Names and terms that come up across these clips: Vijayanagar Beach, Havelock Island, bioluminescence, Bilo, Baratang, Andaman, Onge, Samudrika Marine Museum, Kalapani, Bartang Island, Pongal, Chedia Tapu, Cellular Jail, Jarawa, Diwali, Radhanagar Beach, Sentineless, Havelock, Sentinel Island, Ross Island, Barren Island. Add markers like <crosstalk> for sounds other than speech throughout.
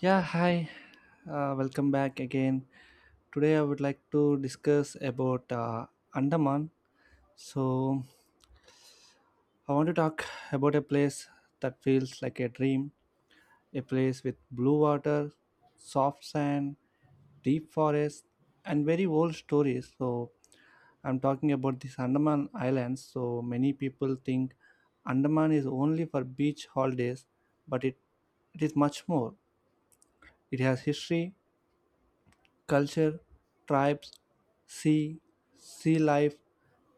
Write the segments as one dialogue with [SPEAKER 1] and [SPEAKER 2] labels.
[SPEAKER 1] Yeah, hi. Welcome back again. Today I would like to discuss about Andaman. So I want to talk about a place that feels like a dream, a place with blue water, soft sand, deep forest, and very old stories. So I'm talking about these Andaman Islands. So many people think Andaman is only for beach holidays, but it is much more. It has history, culture, tribes, sea, sea life,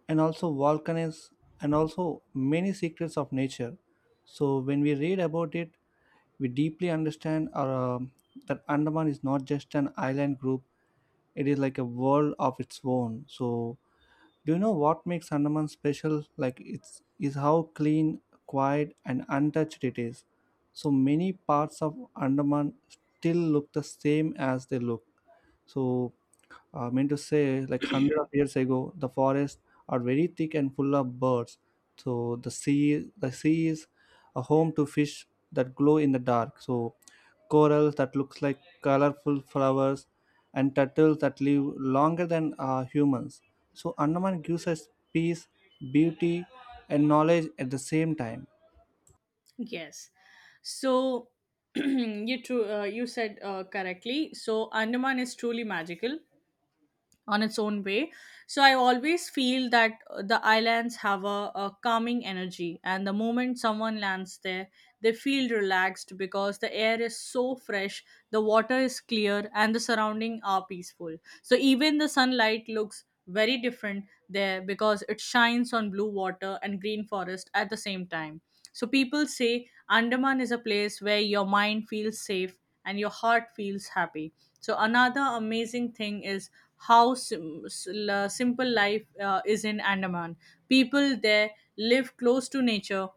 [SPEAKER 1] and also volcanoes, and also many secrets of nature. So when we read about it, we deeply understand that Andaman is not just an island group; it is like a world of its own. So, do you know what makes Andaman special? Like it's is how clean, quiet, and untouched it is. So many parts of Andaman still look the same as they look. So, I mean to say, like hundred of years ago, the forests are very thick and full of birds. So the sea is a home to fish that glow in the dark. So corals that looks like colorful flowers, and turtles that live longer than humans. So Andaman gives us peace, beauty, and knowledge at the same time.
[SPEAKER 2] Yes. So <clears throat> you true. You said correctly. So Andaman is truly magical on its own way. So I always feel that the islands have a calming energy, and the moment someone lands there, they feel relaxed because the air is so fresh, the water is clear, and the surroundings are peaceful. So even the sunlight looks very different there because it shines on blue water and green forest at the same time. So people say Andaman is a place where your mind feels safe and your heart feels happy. So another amazing thing is how simple life is in Andaman. People there live close to nature.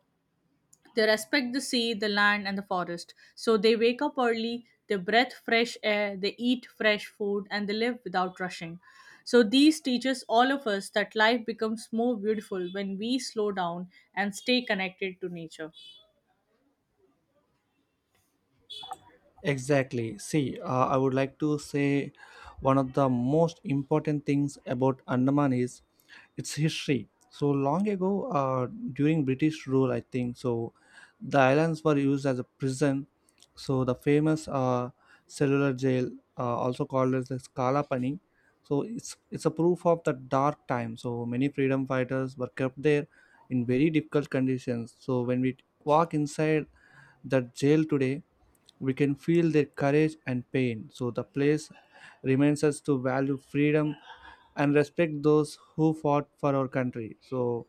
[SPEAKER 2] They respect the sea, the land, and the forest. So they wake up early, they breathe fresh air, they eat fresh food, and they live without rushing. So these teaches all of us that life becomes more beautiful when we slow down and stay connected to nature.
[SPEAKER 1] Exactly. See, I would like to say one of the most important things about Andaman is its history. So long ago, during British rule, I think so, the islands were used as a prison. So the famous cellular jail, also called as the Kalapani, so it's a proof of the dark time. So many freedom fighters were kept there in very difficult conditions. So when we walk inside that jail today, we can feel their courage and pain. So the place reminds us to value freedom and respect those who fought for our country. So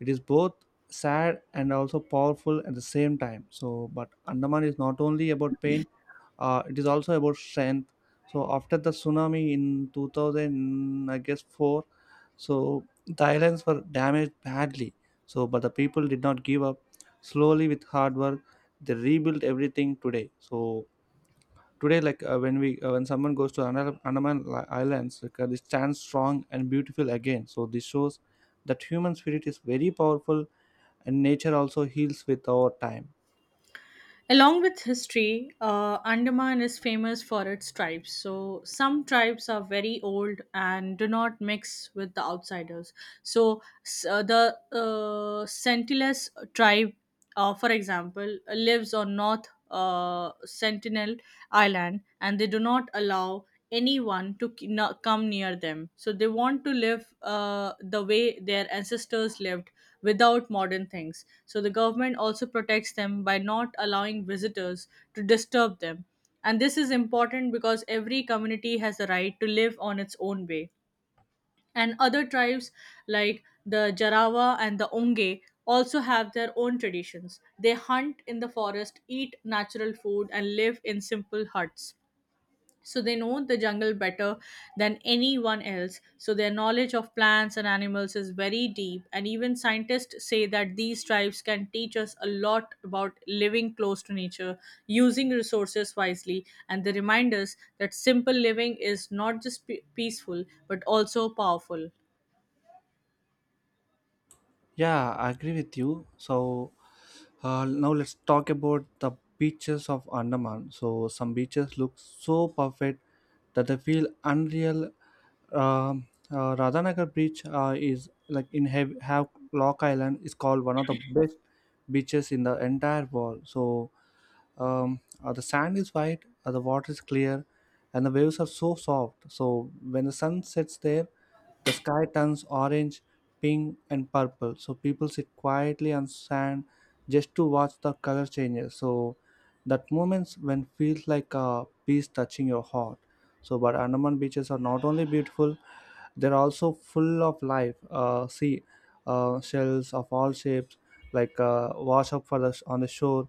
[SPEAKER 1] it is both sad and also powerful at the same time. So, but Andaman is not only about pain, it is also about strength. So after the tsunami in 2000, I guess four, so the islands were damaged badly. So, but the people did not give up. Slowly, with hard work, they rebuilt everything today. So today, like when someone goes to andaman islands, like, they stand strong and beautiful again. So this shows that human spirit is very powerful and nature also heals with our time.
[SPEAKER 2] Along with history, Andaman is famous for its tribes. So, some tribes are very old and do not mix with the outsiders. So, the Sentineless tribe, for example, lives on North Sentinel Island, and they do not allow anyone to come near them. So they want to live the way their ancestors lived without modern things. So the government also protects them by not allowing visitors to disturb them. And this is important because every community has the right to live on its own way, and other tribes like the Jarawa and the Onge also have their own traditions. They hunt in the forest, eat natural food, and live in simple huts. So they know the jungle better than anyone else. So their knowledge of plants and animals is very deep. And even scientists say that these tribes can teach us a lot about living close to nature, using resources wisely, and they remind us that simple living is not just peaceful but also powerful.
[SPEAKER 1] Yeah, I agree with you. So, now let's talk about the beaches of Andaman. So some beaches look so perfect that they feel unreal. Radhanagar Beach is like in Havelock Island is called one of the best beaches in the entire world. So the sand is white, the water is clear, and the waves are so soft. So when the sun sets there, the sky turns orange, pink, and purple. So people sit quietly on sand just to watch the color changes. So that moments when feels like a piece touching your heart. So, but Andaman beaches are not only beautiful, they're also full of life. See, shells of all shapes, like wash up for the on the shore.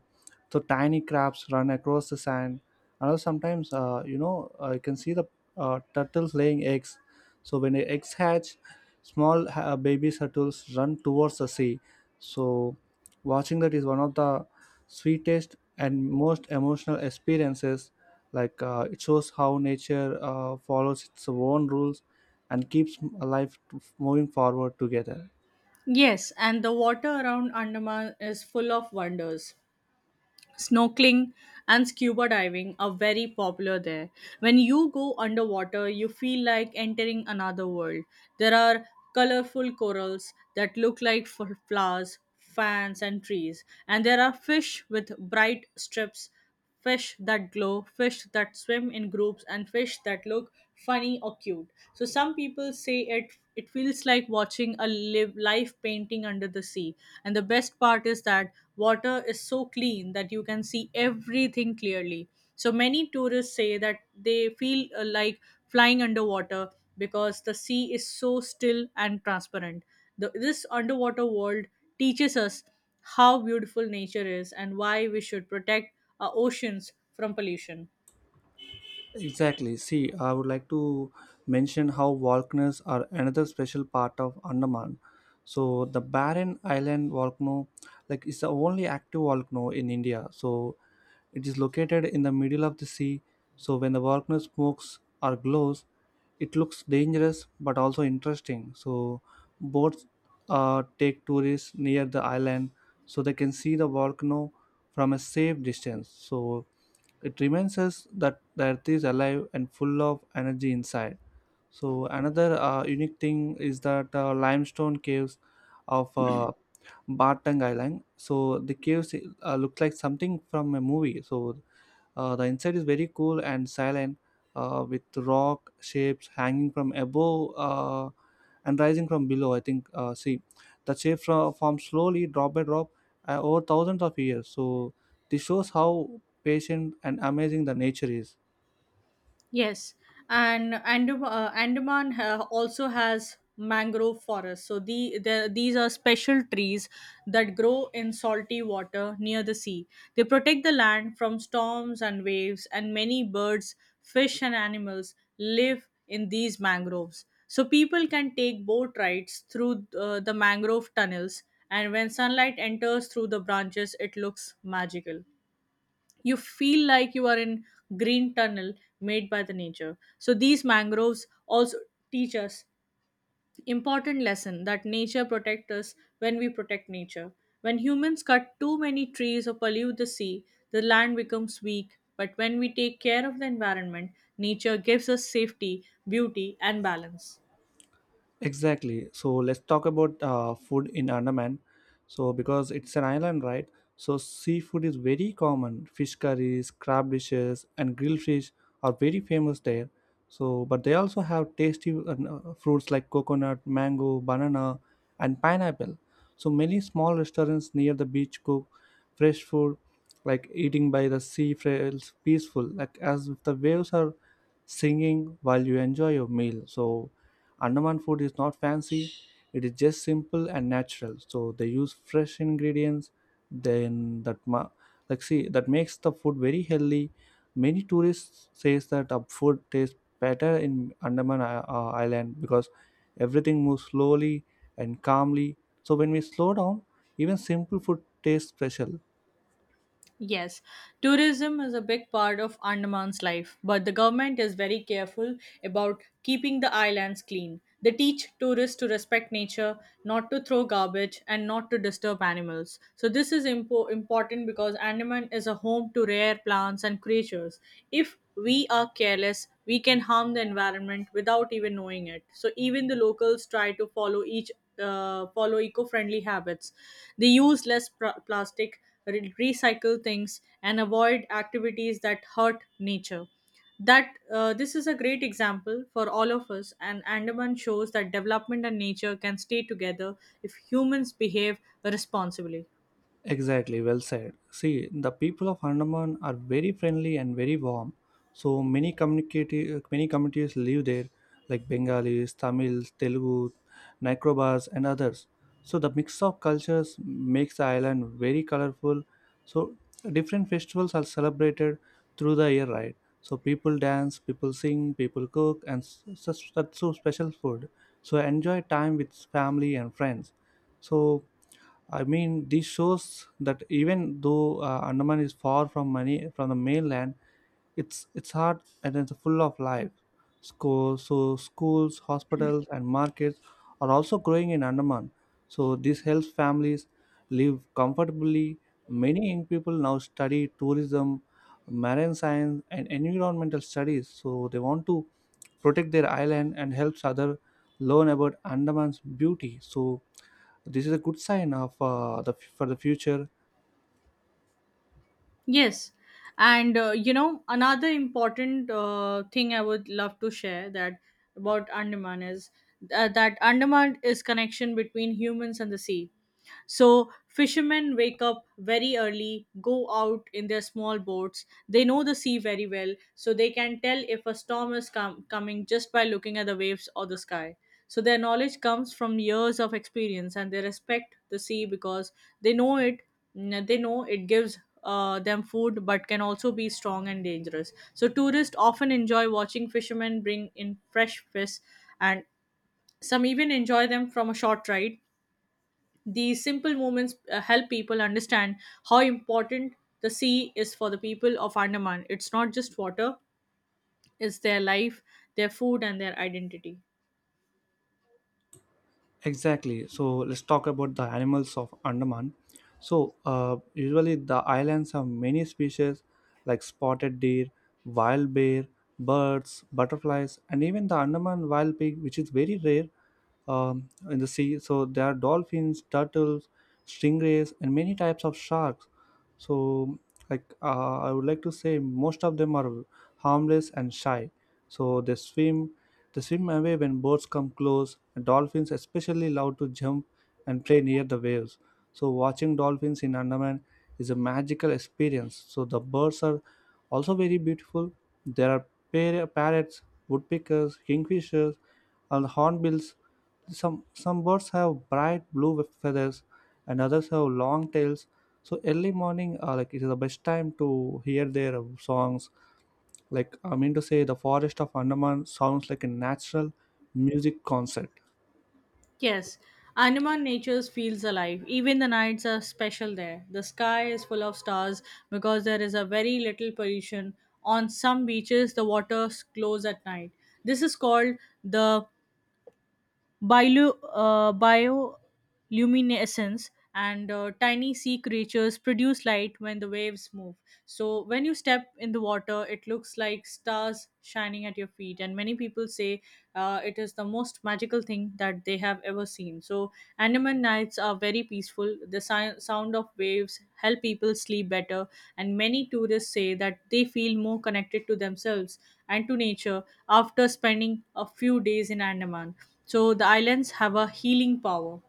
[SPEAKER 1] So tiny crabs run across the sand. And also sometimes, you can see the turtles laying eggs. So when the eggs hatch, small baby turtles run towards the sea. So watching that is one of the sweetest and most emotional experiences. Like, it shows how nature follows its own rules and keeps life moving forward together.
[SPEAKER 2] Yes, and the water around Andaman is full of wonders. Snorkeling and scuba diving are very popular there. When you go underwater, you feel like entering another world. There are colorful corals that look like flowers, fans, and trees, and there are fish with bright strips, fish that glow, fish that swim in groups, and fish that look funny or cute. So some people say it feels like watching a live painting under the sea. And the best part is that water is so clean that you can see everything clearly. So many tourists say that they feel like flying underwater because the sea is so still and transparent. This underwater world teaches us how beautiful nature is and why we should protect our oceans from pollution.
[SPEAKER 1] Exactly. See, I would like to mention how volcanoes are another special part of Andaman. So the Barren Island volcano like is the only active volcano in India. So it is located in the middle of the sea. So when the volcano smokes or glows, it looks dangerous but also interesting. So boats take tourists near the island so they can see the volcano from a safe distance. So it reminds us that the earth is alive and full of energy inside. So another unique thing is that limestone caves of Bartang Island. So the caves look like something from a movie. So the inside is very cool and silent, with rock shapes hanging from above and rising from below. I think, see, the shapes form slowly, drop by drop, over thousands of years. So this shows how patient and amazing the nature is.
[SPEAKER 2] Yes, and Andaman also has mangrove forests. So these are special trees that grow in salty water near the sea. They protect the land from storms and waves, and many birds, fish, and animals live in these mangroves. So people can take boat rides through the mangrove tunnels, and when sunlight enters through the branches, it looks magical. You feel like you are in green tunnel made by the nature. So these mangroves also teach us important lesson that nature protects us when we protect nature. When humans cut too many trees or pollute the sea, the land becomes weak, but when we take care of the environment, nature gives us safety, beauty, and balance.
[SPEAKER 1] Exactly. So let's talk about food in Andaman. So because it's an island, right? So seafood is very common. Fish curries, crab dishes, and grilled fish are very famous there. So, but they also have tasty fruits like coconut, mango, banana, and pineapple. So many small restaurants near the beach cook fresh food, like eating by the sea feels peaceful, like as if the waves are singing while you enjoy your meal. So Andaman food is not fancy, it is just simple and natural. So they use fresh ingredients, then like see that makes the food very healthy. Many tourists says that the food tastes better in Island because everything moves slowly and calmly. So when we slow down, even simple food tastes special.
[SPEAKER 2] Yes, tourism is a big part of Andaman's life, but the government is very careful about keeping the islands clean. They teach tourists to respect nature, not to throw garbage, and not to disturb animals. So, this is important because Andaman is a home to rare plants and creatures. If we are careless, we can harm the environment without even knowing it. So, even the locals try to follow each follow eco-friendly habits. They use less plastic, recycle things, and avoid activities that hurt nature. That, this is a great example for all of us, and Andaman shows that development and nature can stay together if humans behave responsibly.
[SPEAKER 1] Exactly, well said. See, the people of Andaman are very friendly and very warm. So many communities live there, like Bengalis, Tamils, Telugu, Nikrobas, and others. So the mix of cultures makes the island very colorful. So different festivals are celebrated through the year, right? So people dance, people sing, people cook, and s- such such so special food. So enjoy time with family and friends. So I mean, this shows that even though Andaman is far from the mainland, it's hard and it's full of life. So, schools, hospitals, and markets are also growing in Andaman. So this helps families live comfortably. Many young people now study tourism, marine science, and environmental studies. So they want to protect their island and helps other learn about Andaman's beauty. So this is a good sign of the for the future.
[SPEAKER 2] Yes, and another important thing I would love to share that about Andaman is that Andaman is connection between humans and the sea. So, fishermen wake up very early, go out in their small boats. They know the sea very well, so they can tell if a storm is coming just by looking at the waves or the sky. So, their knowledge comes from years of experience, and they respect the sea because they know it, they know it gives. Them food but can also be strong and dangerous. So tourists often enjoy watching fishermen bring in fresh fish, and some even enjoy them from a short ride. These simple movements help people understand how important the sea is for the people of Andaman. It's not just water, it's their life, their food, and their identity.
[SPEAKER 1] Exactly. So let's talk about the animals of Andaman. So usually the islands have many species like spotted deer, wild bear, birds, butterflies, and even the Andaman wild pig, which is very rare. In the sea, so there are dolphins, turtles, stingrays, and many types of sharks. So, like, I would like to say most of them are harmless and shy. So they swim away when boats come close. Dolphins especially love to jump and play near the waves. So watching dolphins in Andaman is a magical experience. So the birds are also very beautiful. There are parrots, woodpeckers, kingfishers, and hornbills. Some birds have bright blue feathers, and others have long tails. So early morning, like it is the best time to hear their songs. Like I mean to say, the forest of Andaman sounds like a natural music concert.
[SPEAKER 2] Yes, Andaman nature feels alive. Even the nights are special there. The sky is full of stars because there is a very little pollution. On some beaches, the water glows at night. This is called the bioluminescence, and tiny sea creatures produce light when the waves move. So when you step in the water, it looks like stars shining at your feet. And many people say it is the most magical thing that they have ever seen. So Andaman nights are very peaceful. The sound of waves help people sleep better, and many tourists say that they feel more connected to themselves and to nature after spending a few days in Andaman. So the islands have a healing power.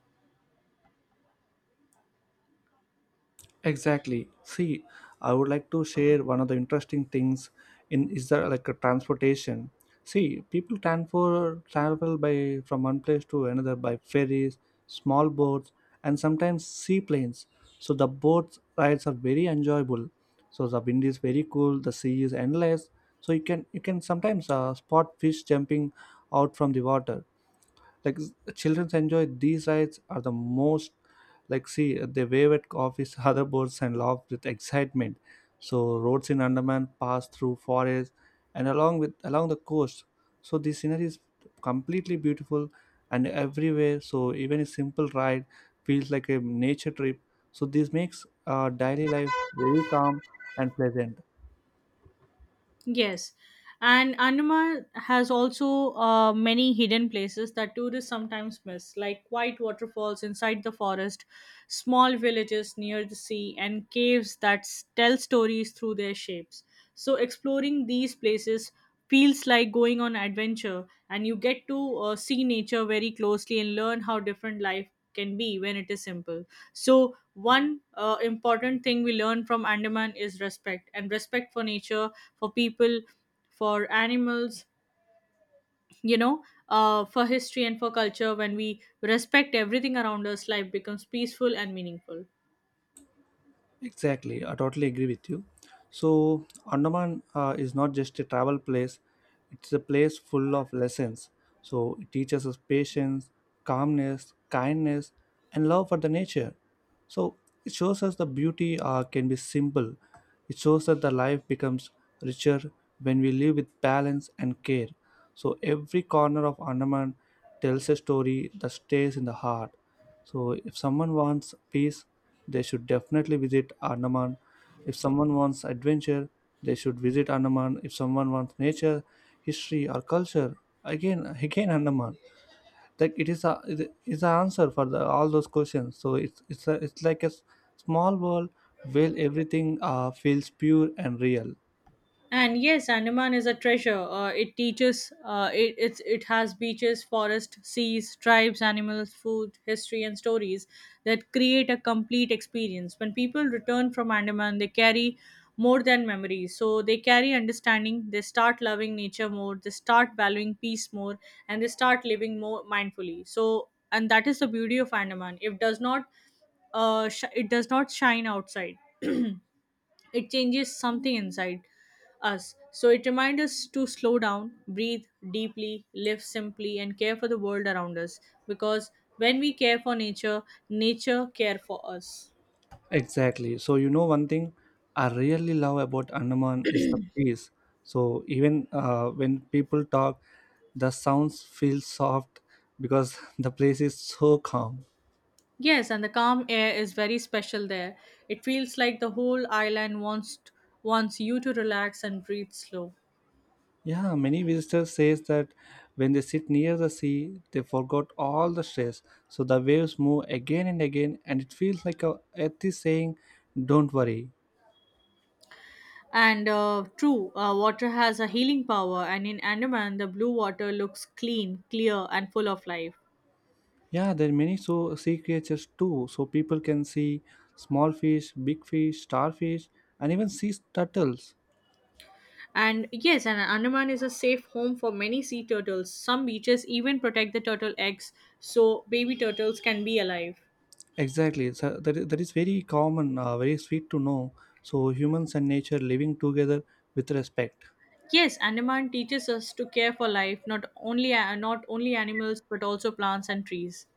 [SPEAKER 1] Exactly. See, I would like to share one of the interesting things in is the like a transportation. See, people transfer travel by from one place to another by ferries, small boats, and sometimes seaplanes. So the boat rides are very enjoyable. So the wind is very cool. The sea is endless. So you can sometimes spot fish jumping out from the water, like children enjoy these rides are the most, like see they wave at office <laughs> other boards and laugh with excitement. So roads in Andaman pass through forests and along the coast. So the scenery is completely beautiful and everywhere. So even a simple ride feels like a nature trip. So this makes daily life very calm and pleasant.
[SPEAKER 2] Yes. And Andaman has also many hidden places that tourists sometimes miss, like white waterfalls inside the forest, small villages near the sea, and caves that tell stories through their shapes. So, exploring these places feels like going on adventure, and you get to see nature very closely and learn how different life can be when it is simple. So, one important thing we learn from Andaman is respect, and respect for nature, for people, for animals, you know, for history and for culture. When we respect everything around us, life becomes peaceful and meaningful.
[SPEAKER 1] Exactly, I totally agree with you. So, Andaman is not just a travel place, it's a place full of lessons. So, it teaches us patience, calmness, kindness, and love for the nature. So, it shows us the beauty can be simple. It shows that the life becomes richer when we live with balance and care. So, every corner of Andaman tells a story that stays in the heart. So if someone wants peace, they should definitely visit Andaman. If someone wants adventure, they should visit Andaman. If someone wants nature, history or culture, again Andaman. Like it is, the answer for all those questions. So it's like a small world where everything feels pure and real.
[SPEAKER 2] And yes, Andaman is a treasure. It teaches. It it's, It has beaches, forest, seas, tribes, animals, food, history, and stories that create a complete experience. When people return from Andaman, they carry more than memories. So they carry understanding. They start loving nature more. They start valuing peace more, and they start living more mindfully. So and that is the beauty of Andaman. It does not, it does not shine outside. It changes something inside us. So it reminds us to slow down, breathe deeply, live simply, and care for the world around us. Because when we care for nature, nature care for us.
[SPEAKER 1] Exactly. So you know one thing I really love about Andaman is the peace. So even when people talk, the sounds feel soft because <laughs> the place is so calm.
[SPEAKER 2] Yes, and the calm air is very special there. It feels like the whole island wants you to relax and breathe slow.
[SPEAKER 1] Yeah, many visitors says that when they sit near the sea, they forgot all the stress. So the waves move again and again, and it feels like a earth is saying, "Don't worry."
[SPEAKER 2] And true, water has a healing power, and in Andaman, the blue water looks clean, clear, and full of life.
[SPEAKER 1] Yeah, there are many so sea creatures too. So people can see small fish, big fish, starfish, and even sea turtles.
[SPEAKER 2] And yes, an Andaman is a safe home for many sea turtles. Some beaches even protect the turtle eggs so baby turtles can be alive.
[SPEAKER 1] Exactly. So that is very common, very sweet to know. So humans and nature living together with respect.
[SPEAKER 2] Yes, Andaman teaches us to care for life, not only animals but also plants and trees.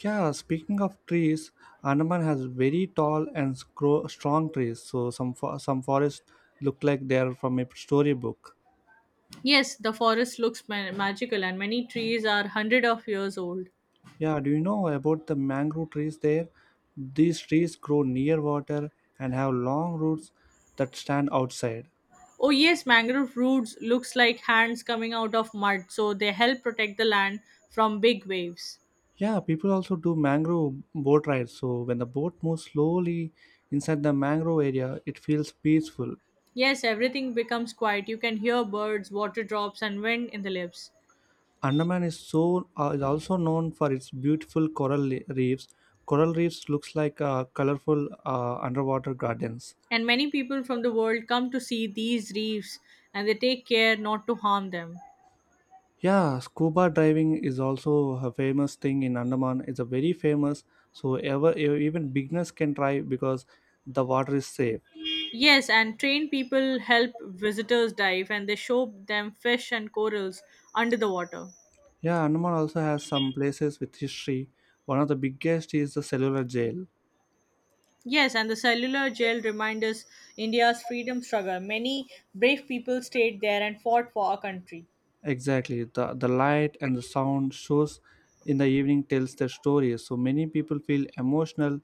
[SPEAKER 1] Yeah, speaking of trees, Andaman has very tall and strong trees. So some forests look like they are from a storybook.
[SPEAKER 2] Yes, the forest looks magical, and many trees are hundred of years old.
[SPEAKER 1] Yeah, do you know about the mangrove trees there? These trees grow near water and have long roots that stand outside.
[SPEAKER 2] Oh yes, mangrove roots looks like hands coming out of mud, so they help protect the land from big waves.
[SPEAKER 1] Yeah, people also do mangrove boat rides. So when the boat moves slowly inside the mangrove area, it feels peaceful.
[SPEAKER 2] Yes, everything becomes quiet. You can hear birds, water drops, and wind in the leaves.
[SPEAKER 1] Andaman is is also known for its beautiful coral reefs. Coral reefs looks like colorful underwater gardens.
[SPEAKER 2] And many people from the world come to see these reefs, and they take care not to harm them.
[SPEAKER 1] Yeah, scuba diving is also a famous thing in Andaman. It's a very famous, so even beginners can try because the water is safe.
[SPEAKER 2] Yes, and trained people help visitors dive, and they show them fish and corals under the water.
[SPEAKER 1] Yeah, Andaman also has some places with history. One of the biggest is the cellular jail.
[SPEAKER 2] Yes, and the cellular jail reminds us India's freedom struggle. Many brave people stayed there and fought for our country.
[SPEAKER 1] Exactly, the light and the sound shows in the evening tells their story. So many people feel emotional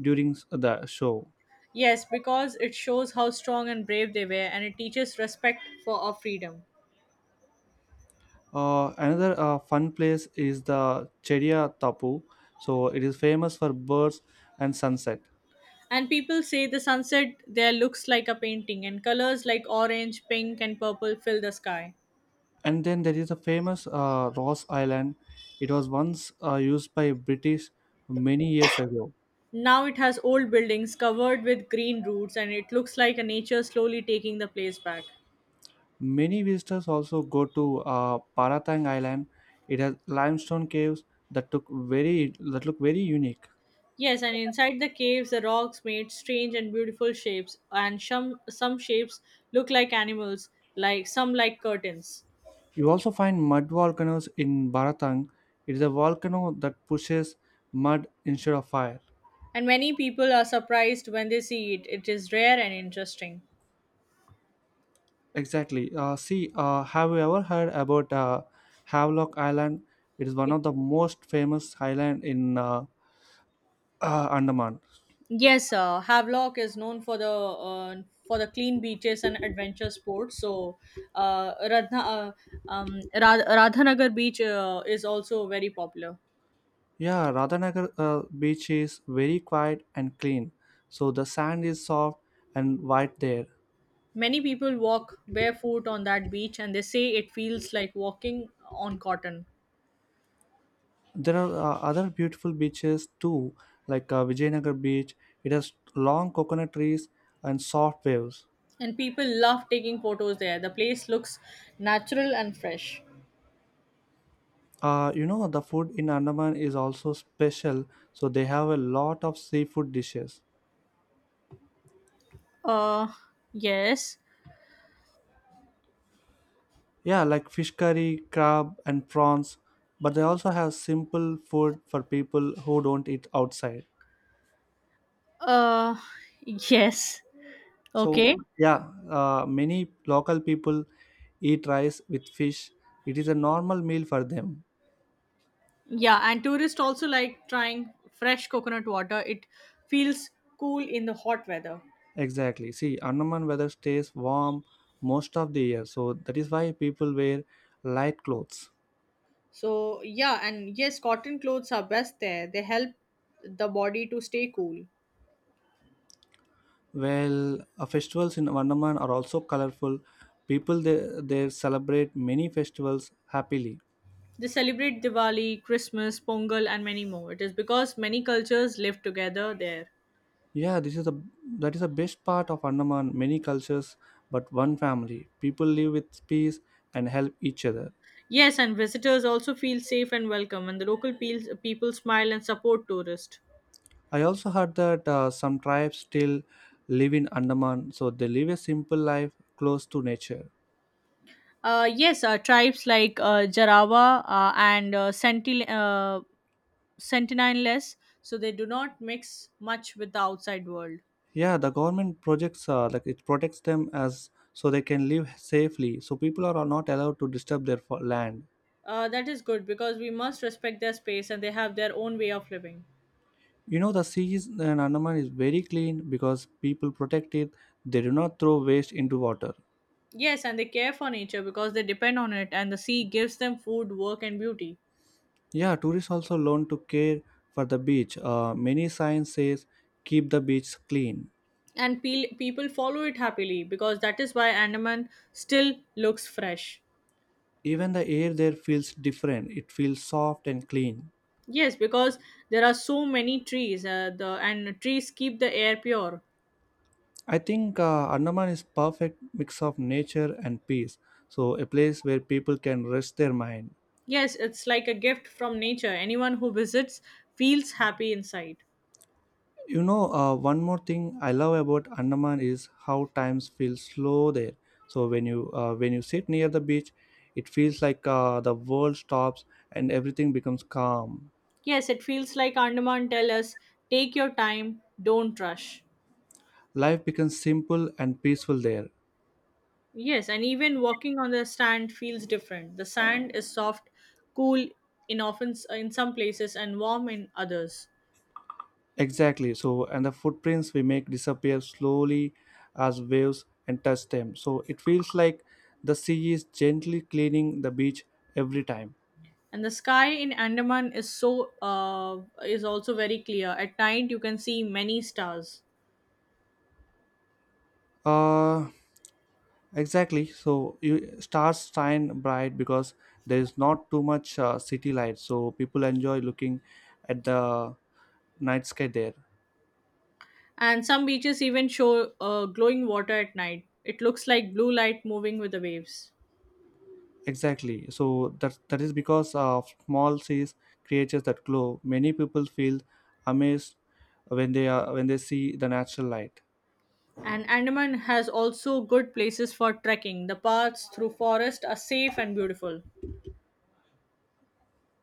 [SPEAKER 1] during the show.
[SPEAKER 2] Yes, because it shows how strong and brave they were, and it teaches respect for our freedom.
[SPEAKER 1] Another fun place is the Chedia Tapu. So it is famous for birds and sunset.
[SPEAKER 2] And people say the sunset there looks like a painting, and colors like orange, pink, and purple fill the sky.
[SPEAKER 1] And then there is a famous Ross Island. It was once used by British many years ago.
[SPEAKER 2] Now it has old buildings covered with green roots, and it looks like a nature slowly taking the place back.
[SPEAKER 1] Many visitors also go to Paratang Island. It has limestone caves that took that look very unique.
[SPEAKER 2] Yes, and inside the caves, the rocks made strange and beautiful shapes, and some shapes look like animals, like some like curtains.
[SPEAKER 1] You also find mud volcanoes in Baratang. It is a volcano that pushes mud instead of fire.
[SPEAKER 2] And many people are surprised when they see it. It is rare and interesting.
[SPEAKER 1] Exactly. See, have you ever heard about Havelock Island? It is one
[SPEAKER 2] It.
[SPEAKER 1] of the most famous island in Andaman.
[SPEAKER 2] Yes, Havelock is known for the clean beaches and adventure sports. So, uh, Radha, uh, Radhanagar Beach is also very popular.
[SPEAKER 1] Yeah, Radhanagar beach is very quiet and clean. So the sand is soft and white there.
[SPEAKER 2] Many people walk barefoot on that beach, and they say it feels like walking on cotton.
[SPEAKER 1] There are other beautiful beaches too, like Vijayanagar beach. It has long coconut trees and soft waves.
[SPEAKER 2] And people love taking photos there. The place looks natural and fresh.
[SPEAKER 1] You know, the food in Andaman is also special, so they have a lot of seafood dishes.
[SPEAKER 2] Uh, yes.
[SPEAKER 1] Yeah, like fish curry, crab, and prawns, but they also have simple food for people who don't eat outside.
[SPEAKER 2] Uh, <laughs> yes.
[SPEAKER 1] So
[SPEAKER 2] Okay.
[SPEAKER 1] yeah, many local people eat rice with fish. It is a normal meal for them.
[SPEAKER 2] Yeah, and tourists also like trying fresh coconut water. It feels cool in the hot weather.
[SPEAKER 1] Exactly. See, Andaman weather stays warm most of the year, so that is why people wear light clothes.
[SPEAKER 2] So, yeah, and yes, cotton clothes are best there. They help the body to stay cool.
[SPEAKER 1] Well, festivals in Andaman are also colorful. People there celebrate many festivals happily.
[SPEAKER 2] They celebrate Diwali, Christmas, Pongal, and many more. It is because many cultures live together there.
[SPEAKER 1] Yeah, this is the that is the best part of Andaman. Many cultures, but one family. People live with peace and help each other.
[SPEAKER 2] Yes, and visitors also feel safe and welcome, and the local people smile and support tourists.
[SPEAKER 1] I also heard that some tribes still live in Andaman, so they live a simple life close to nature.
[SPEAKER 2] Yes, tribes like Jarawa and Sentinel. Sentinel less, so they do not mix much with the outside world.
[SPEAKER 1] Yeah, the government projects like it protects them as so they can live safely. So people are not allowed to disturb their land.
[SPEAKER 2] That is good, because we must respect their space, and they have their own way of living.
[SPEAKER 1] You know, the seas in Andaman is very clean because people protect it. They do not throw waste into water.
[SPEAKER 2] Yes, and they care for nature because they depend on it, and the sea gives them food, work, and beauty.
[SPEAKER 1] Yeah, tourists also learn to care for the beach. Many signs says keep the beach clean.
[SPEAKER 2] And people follow it happily, because that is why Andaman still looks fresh.
[SPEAKER 1] Even the air there feels different. It feels soft and clean.
[SPEAKER 2] Yes, because there are so many trees. Uh, the and trees keep the air pure.
[SPEAKER 1] I think Andaman is perfect mix of nature and peace. So a place where people can rest their mind.
[SPEAKER 2] Yes, it's like a gift from nature. Anyone who visits feels happy inside.
[SPEAKER 1] You know, one more thing I love about Andaman is how times feel slow there. So when you sit near the beach, it feels like the world stops and everything becomes calm.
[SPEAKER 2] Yes, it feels like Andaman tell us, take your time, don't rush.
[SPEAKER 1] Life becomes simple and peaceful there.
[SPEAKER 2] Yes, and even walking on the sand feels different. The sand is soft, cool in often in some places and warm in others.
[SPEAKER 1] Exactly. So, and the footprints we make disappear slowly as waves and touch them. So, it feels like the sea is gently cleaning the beach every time.
[SPEAKER 2] And the sky in Andaman is so is also very clear. At night you can see many stars.
[SPEAKER 1] Uh, exactly. So, you stars shine bright because there is not too much city light. So, people enjoy looking at the night sky there.
[SPEAKER 2] And some beaches even show glowing water at night. It looks like blue light moving with the waves.
[SPEAKER 1] Exactly. So that is because of small seas creatures that glow. Many people feel amazed when they see the natural light.
[SPEAKER 2] And Andaman has also good places for trekking. The paths through forest are safe and beautiful.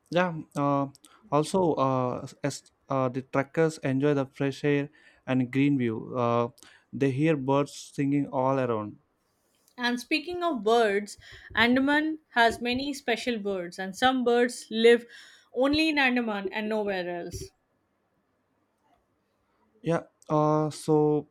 [SPEAKER 1] Yeah. Also, as The truckers enjoy the fresh air and green view. They hear birds singing all around.
[SPEAKER 2] And speaking of birds, Andaman has many special birds, and some birds live only in Andaman and nowhere else.
[SPEAKER 1] Yeah. Uh, so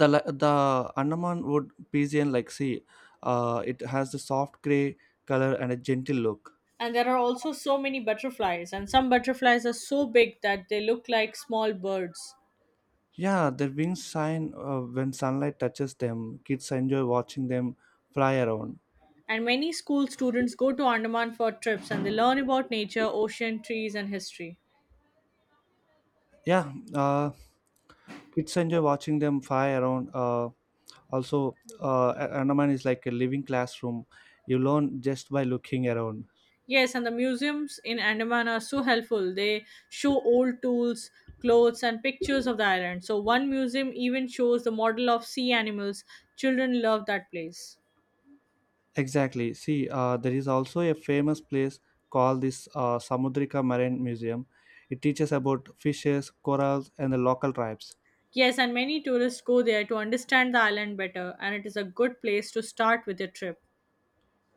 [SPEAKER 1] the Andaman wood pigeon like sea, it has the soft gray color and a gentle look.
[SPEAKER 2] And there are also so many butterflies, and some butterflies are so big that they look like small birds.
[SPEAKER 1] Yeah, their wings shine when sunlight touches them. Kids enjoy watching them fly around.
[SPEAKER 2] And many school students go to Andaman for trips, and they learn about nature, ocean, trees, and history.
[SPEAKER 1] Yeah, uh, Kids enjoy watching them fly around. Andaman is like a living classroom. You learn just by looking around.
[SPEAKER 2] Yes, and the museums in Andaman are so helpful. They show old tools, clothes, and pictures of the island. So, one museum even shows the model of sea animals. Children love that place.
[SPEAKER 1] Exactly. See, there is also a famous place called this Samudrika Marine Museum. It teaches about fishes, corals, and the local tribes.
[SPEAKER 2] Yes, and many tourists go there to understand the island better, and it is a good place to start with your trip.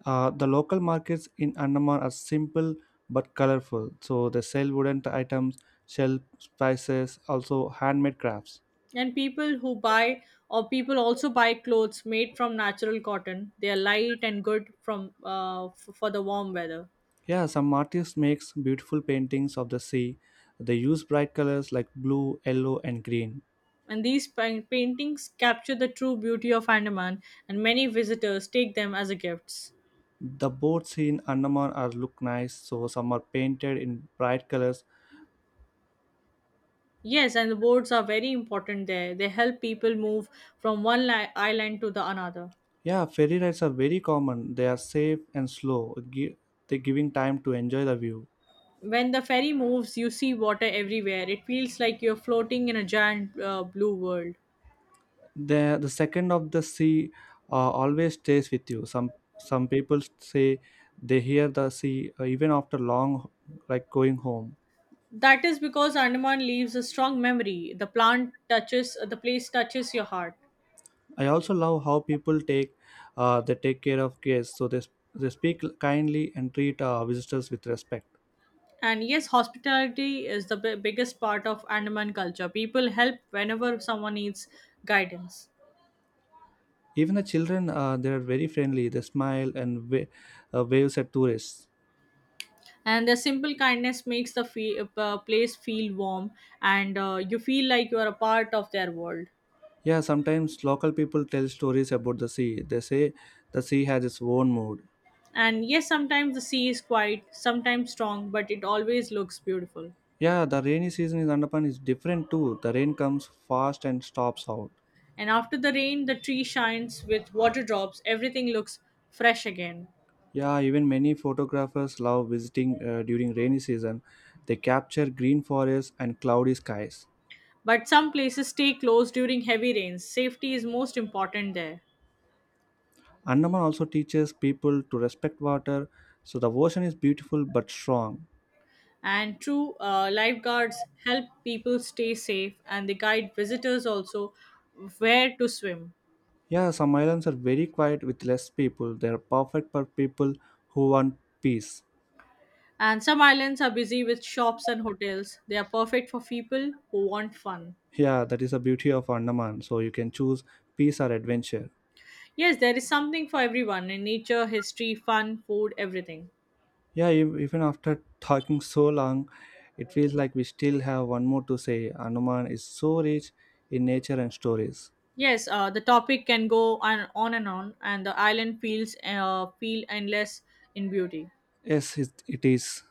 [SPEAKER 1] The local markets in Andaman are simple but colorful. So they sell wooden items, shell spices, also handmade crafts.
[SPEAKER 2] And people who buy or people also buy clothes made from natural cotton. They are light and good from for the warm weather.
[SPEAKER 1] Yeah, some artists makes beautiful paintings of the sea. They use bright colors like blue, yellow, and green.
[SPEAKER 2] And these paintings capture the true beauty of Andaman, and many visitors take them as a gifts.
[SPEAKER 1] The boats in Andaman are look nice, so some are painted in bright colors.
[SPEAKER 2] Yes, and the boats are very important there. They help people move from one island to the another.
[SPEAKER 1] Yeah, ferry rides are very common. They are safe and slow, they giving time to enjoy the view.
[SPEAKER 2] When the ferry moves, you see water everywhere. It feels like you're floating in a giant blue world.
[SPEAKER 1] The second of the sea uh, always stays with you. Some people say they hear the sea even after long, like going home.
[SPEAKER 2] That is because Andaman leaves a strong memory. The plant touches, the place touches your heart.
[SPEAKER 1] I also love how people take they take care of guests, so they speak kindly and treat visitors with respect.
[SPEAKER 2] And yes, hospitality is the biggest part of Andaman culture. People help whenever someone needs guidance.
[SPEAKER 1] Even the children, they are very friendly. They smile and waves at tourists.
[SPEAKER 2] And the simple kindness makes the place feel warm, and you feel like you are a part of their world.
[SPEAKER 1] Yeah, sometimes local people tell stories about the sea. They say the sea has its own mood.
[SPEAKER 2] And yes, sometimes the sea is quiet, sometimes strong, but it always looks beautiful.
[SPEAKER 1] Yeah, the rainy season in Andaman is different too. The rain comes fast and stops out.
[SPEAKER 2] And after the rain, the tree shines with water drops, everything looks fresh again.
[SPEAKER 1] Yeah, even many photographers love visiting during rainy season. They capture green forests and cloudy skies.
[SPEAKER 2] But some places stay closed during heavy rains. Safety is most important there.
[SPEAKER 1] Andaman also teaches people to respect water, so the ocean is beautiful but strong.
[SPEAKER 2] And true lifeguards help people stay safe, and they guide visitors also where to swim.
[SPEAKER 1] Yeah, some islands are very quiet with less people. They are perfect for people who want peace.
[SPEAKER 2] And some islands are busy with shops and hotels, they are perfect for people who want fun.
[SPEAKER 1] Yeah, that is the beauty of Andaman. So you can choose peace or adventure.
[SPEAKER 2] Yes, there is something for everyone in nature, history, fun, food, everything.
[SPEAKER 1] Yeah, even after talking so long, it feels like we still have one more to say. Anuman is so rich in nature and stories.
[SPEAKER 2] Yes, the topic can go on and on, and the island feels feel endless in beauty.
[SPEAKER 1] Yes, it is.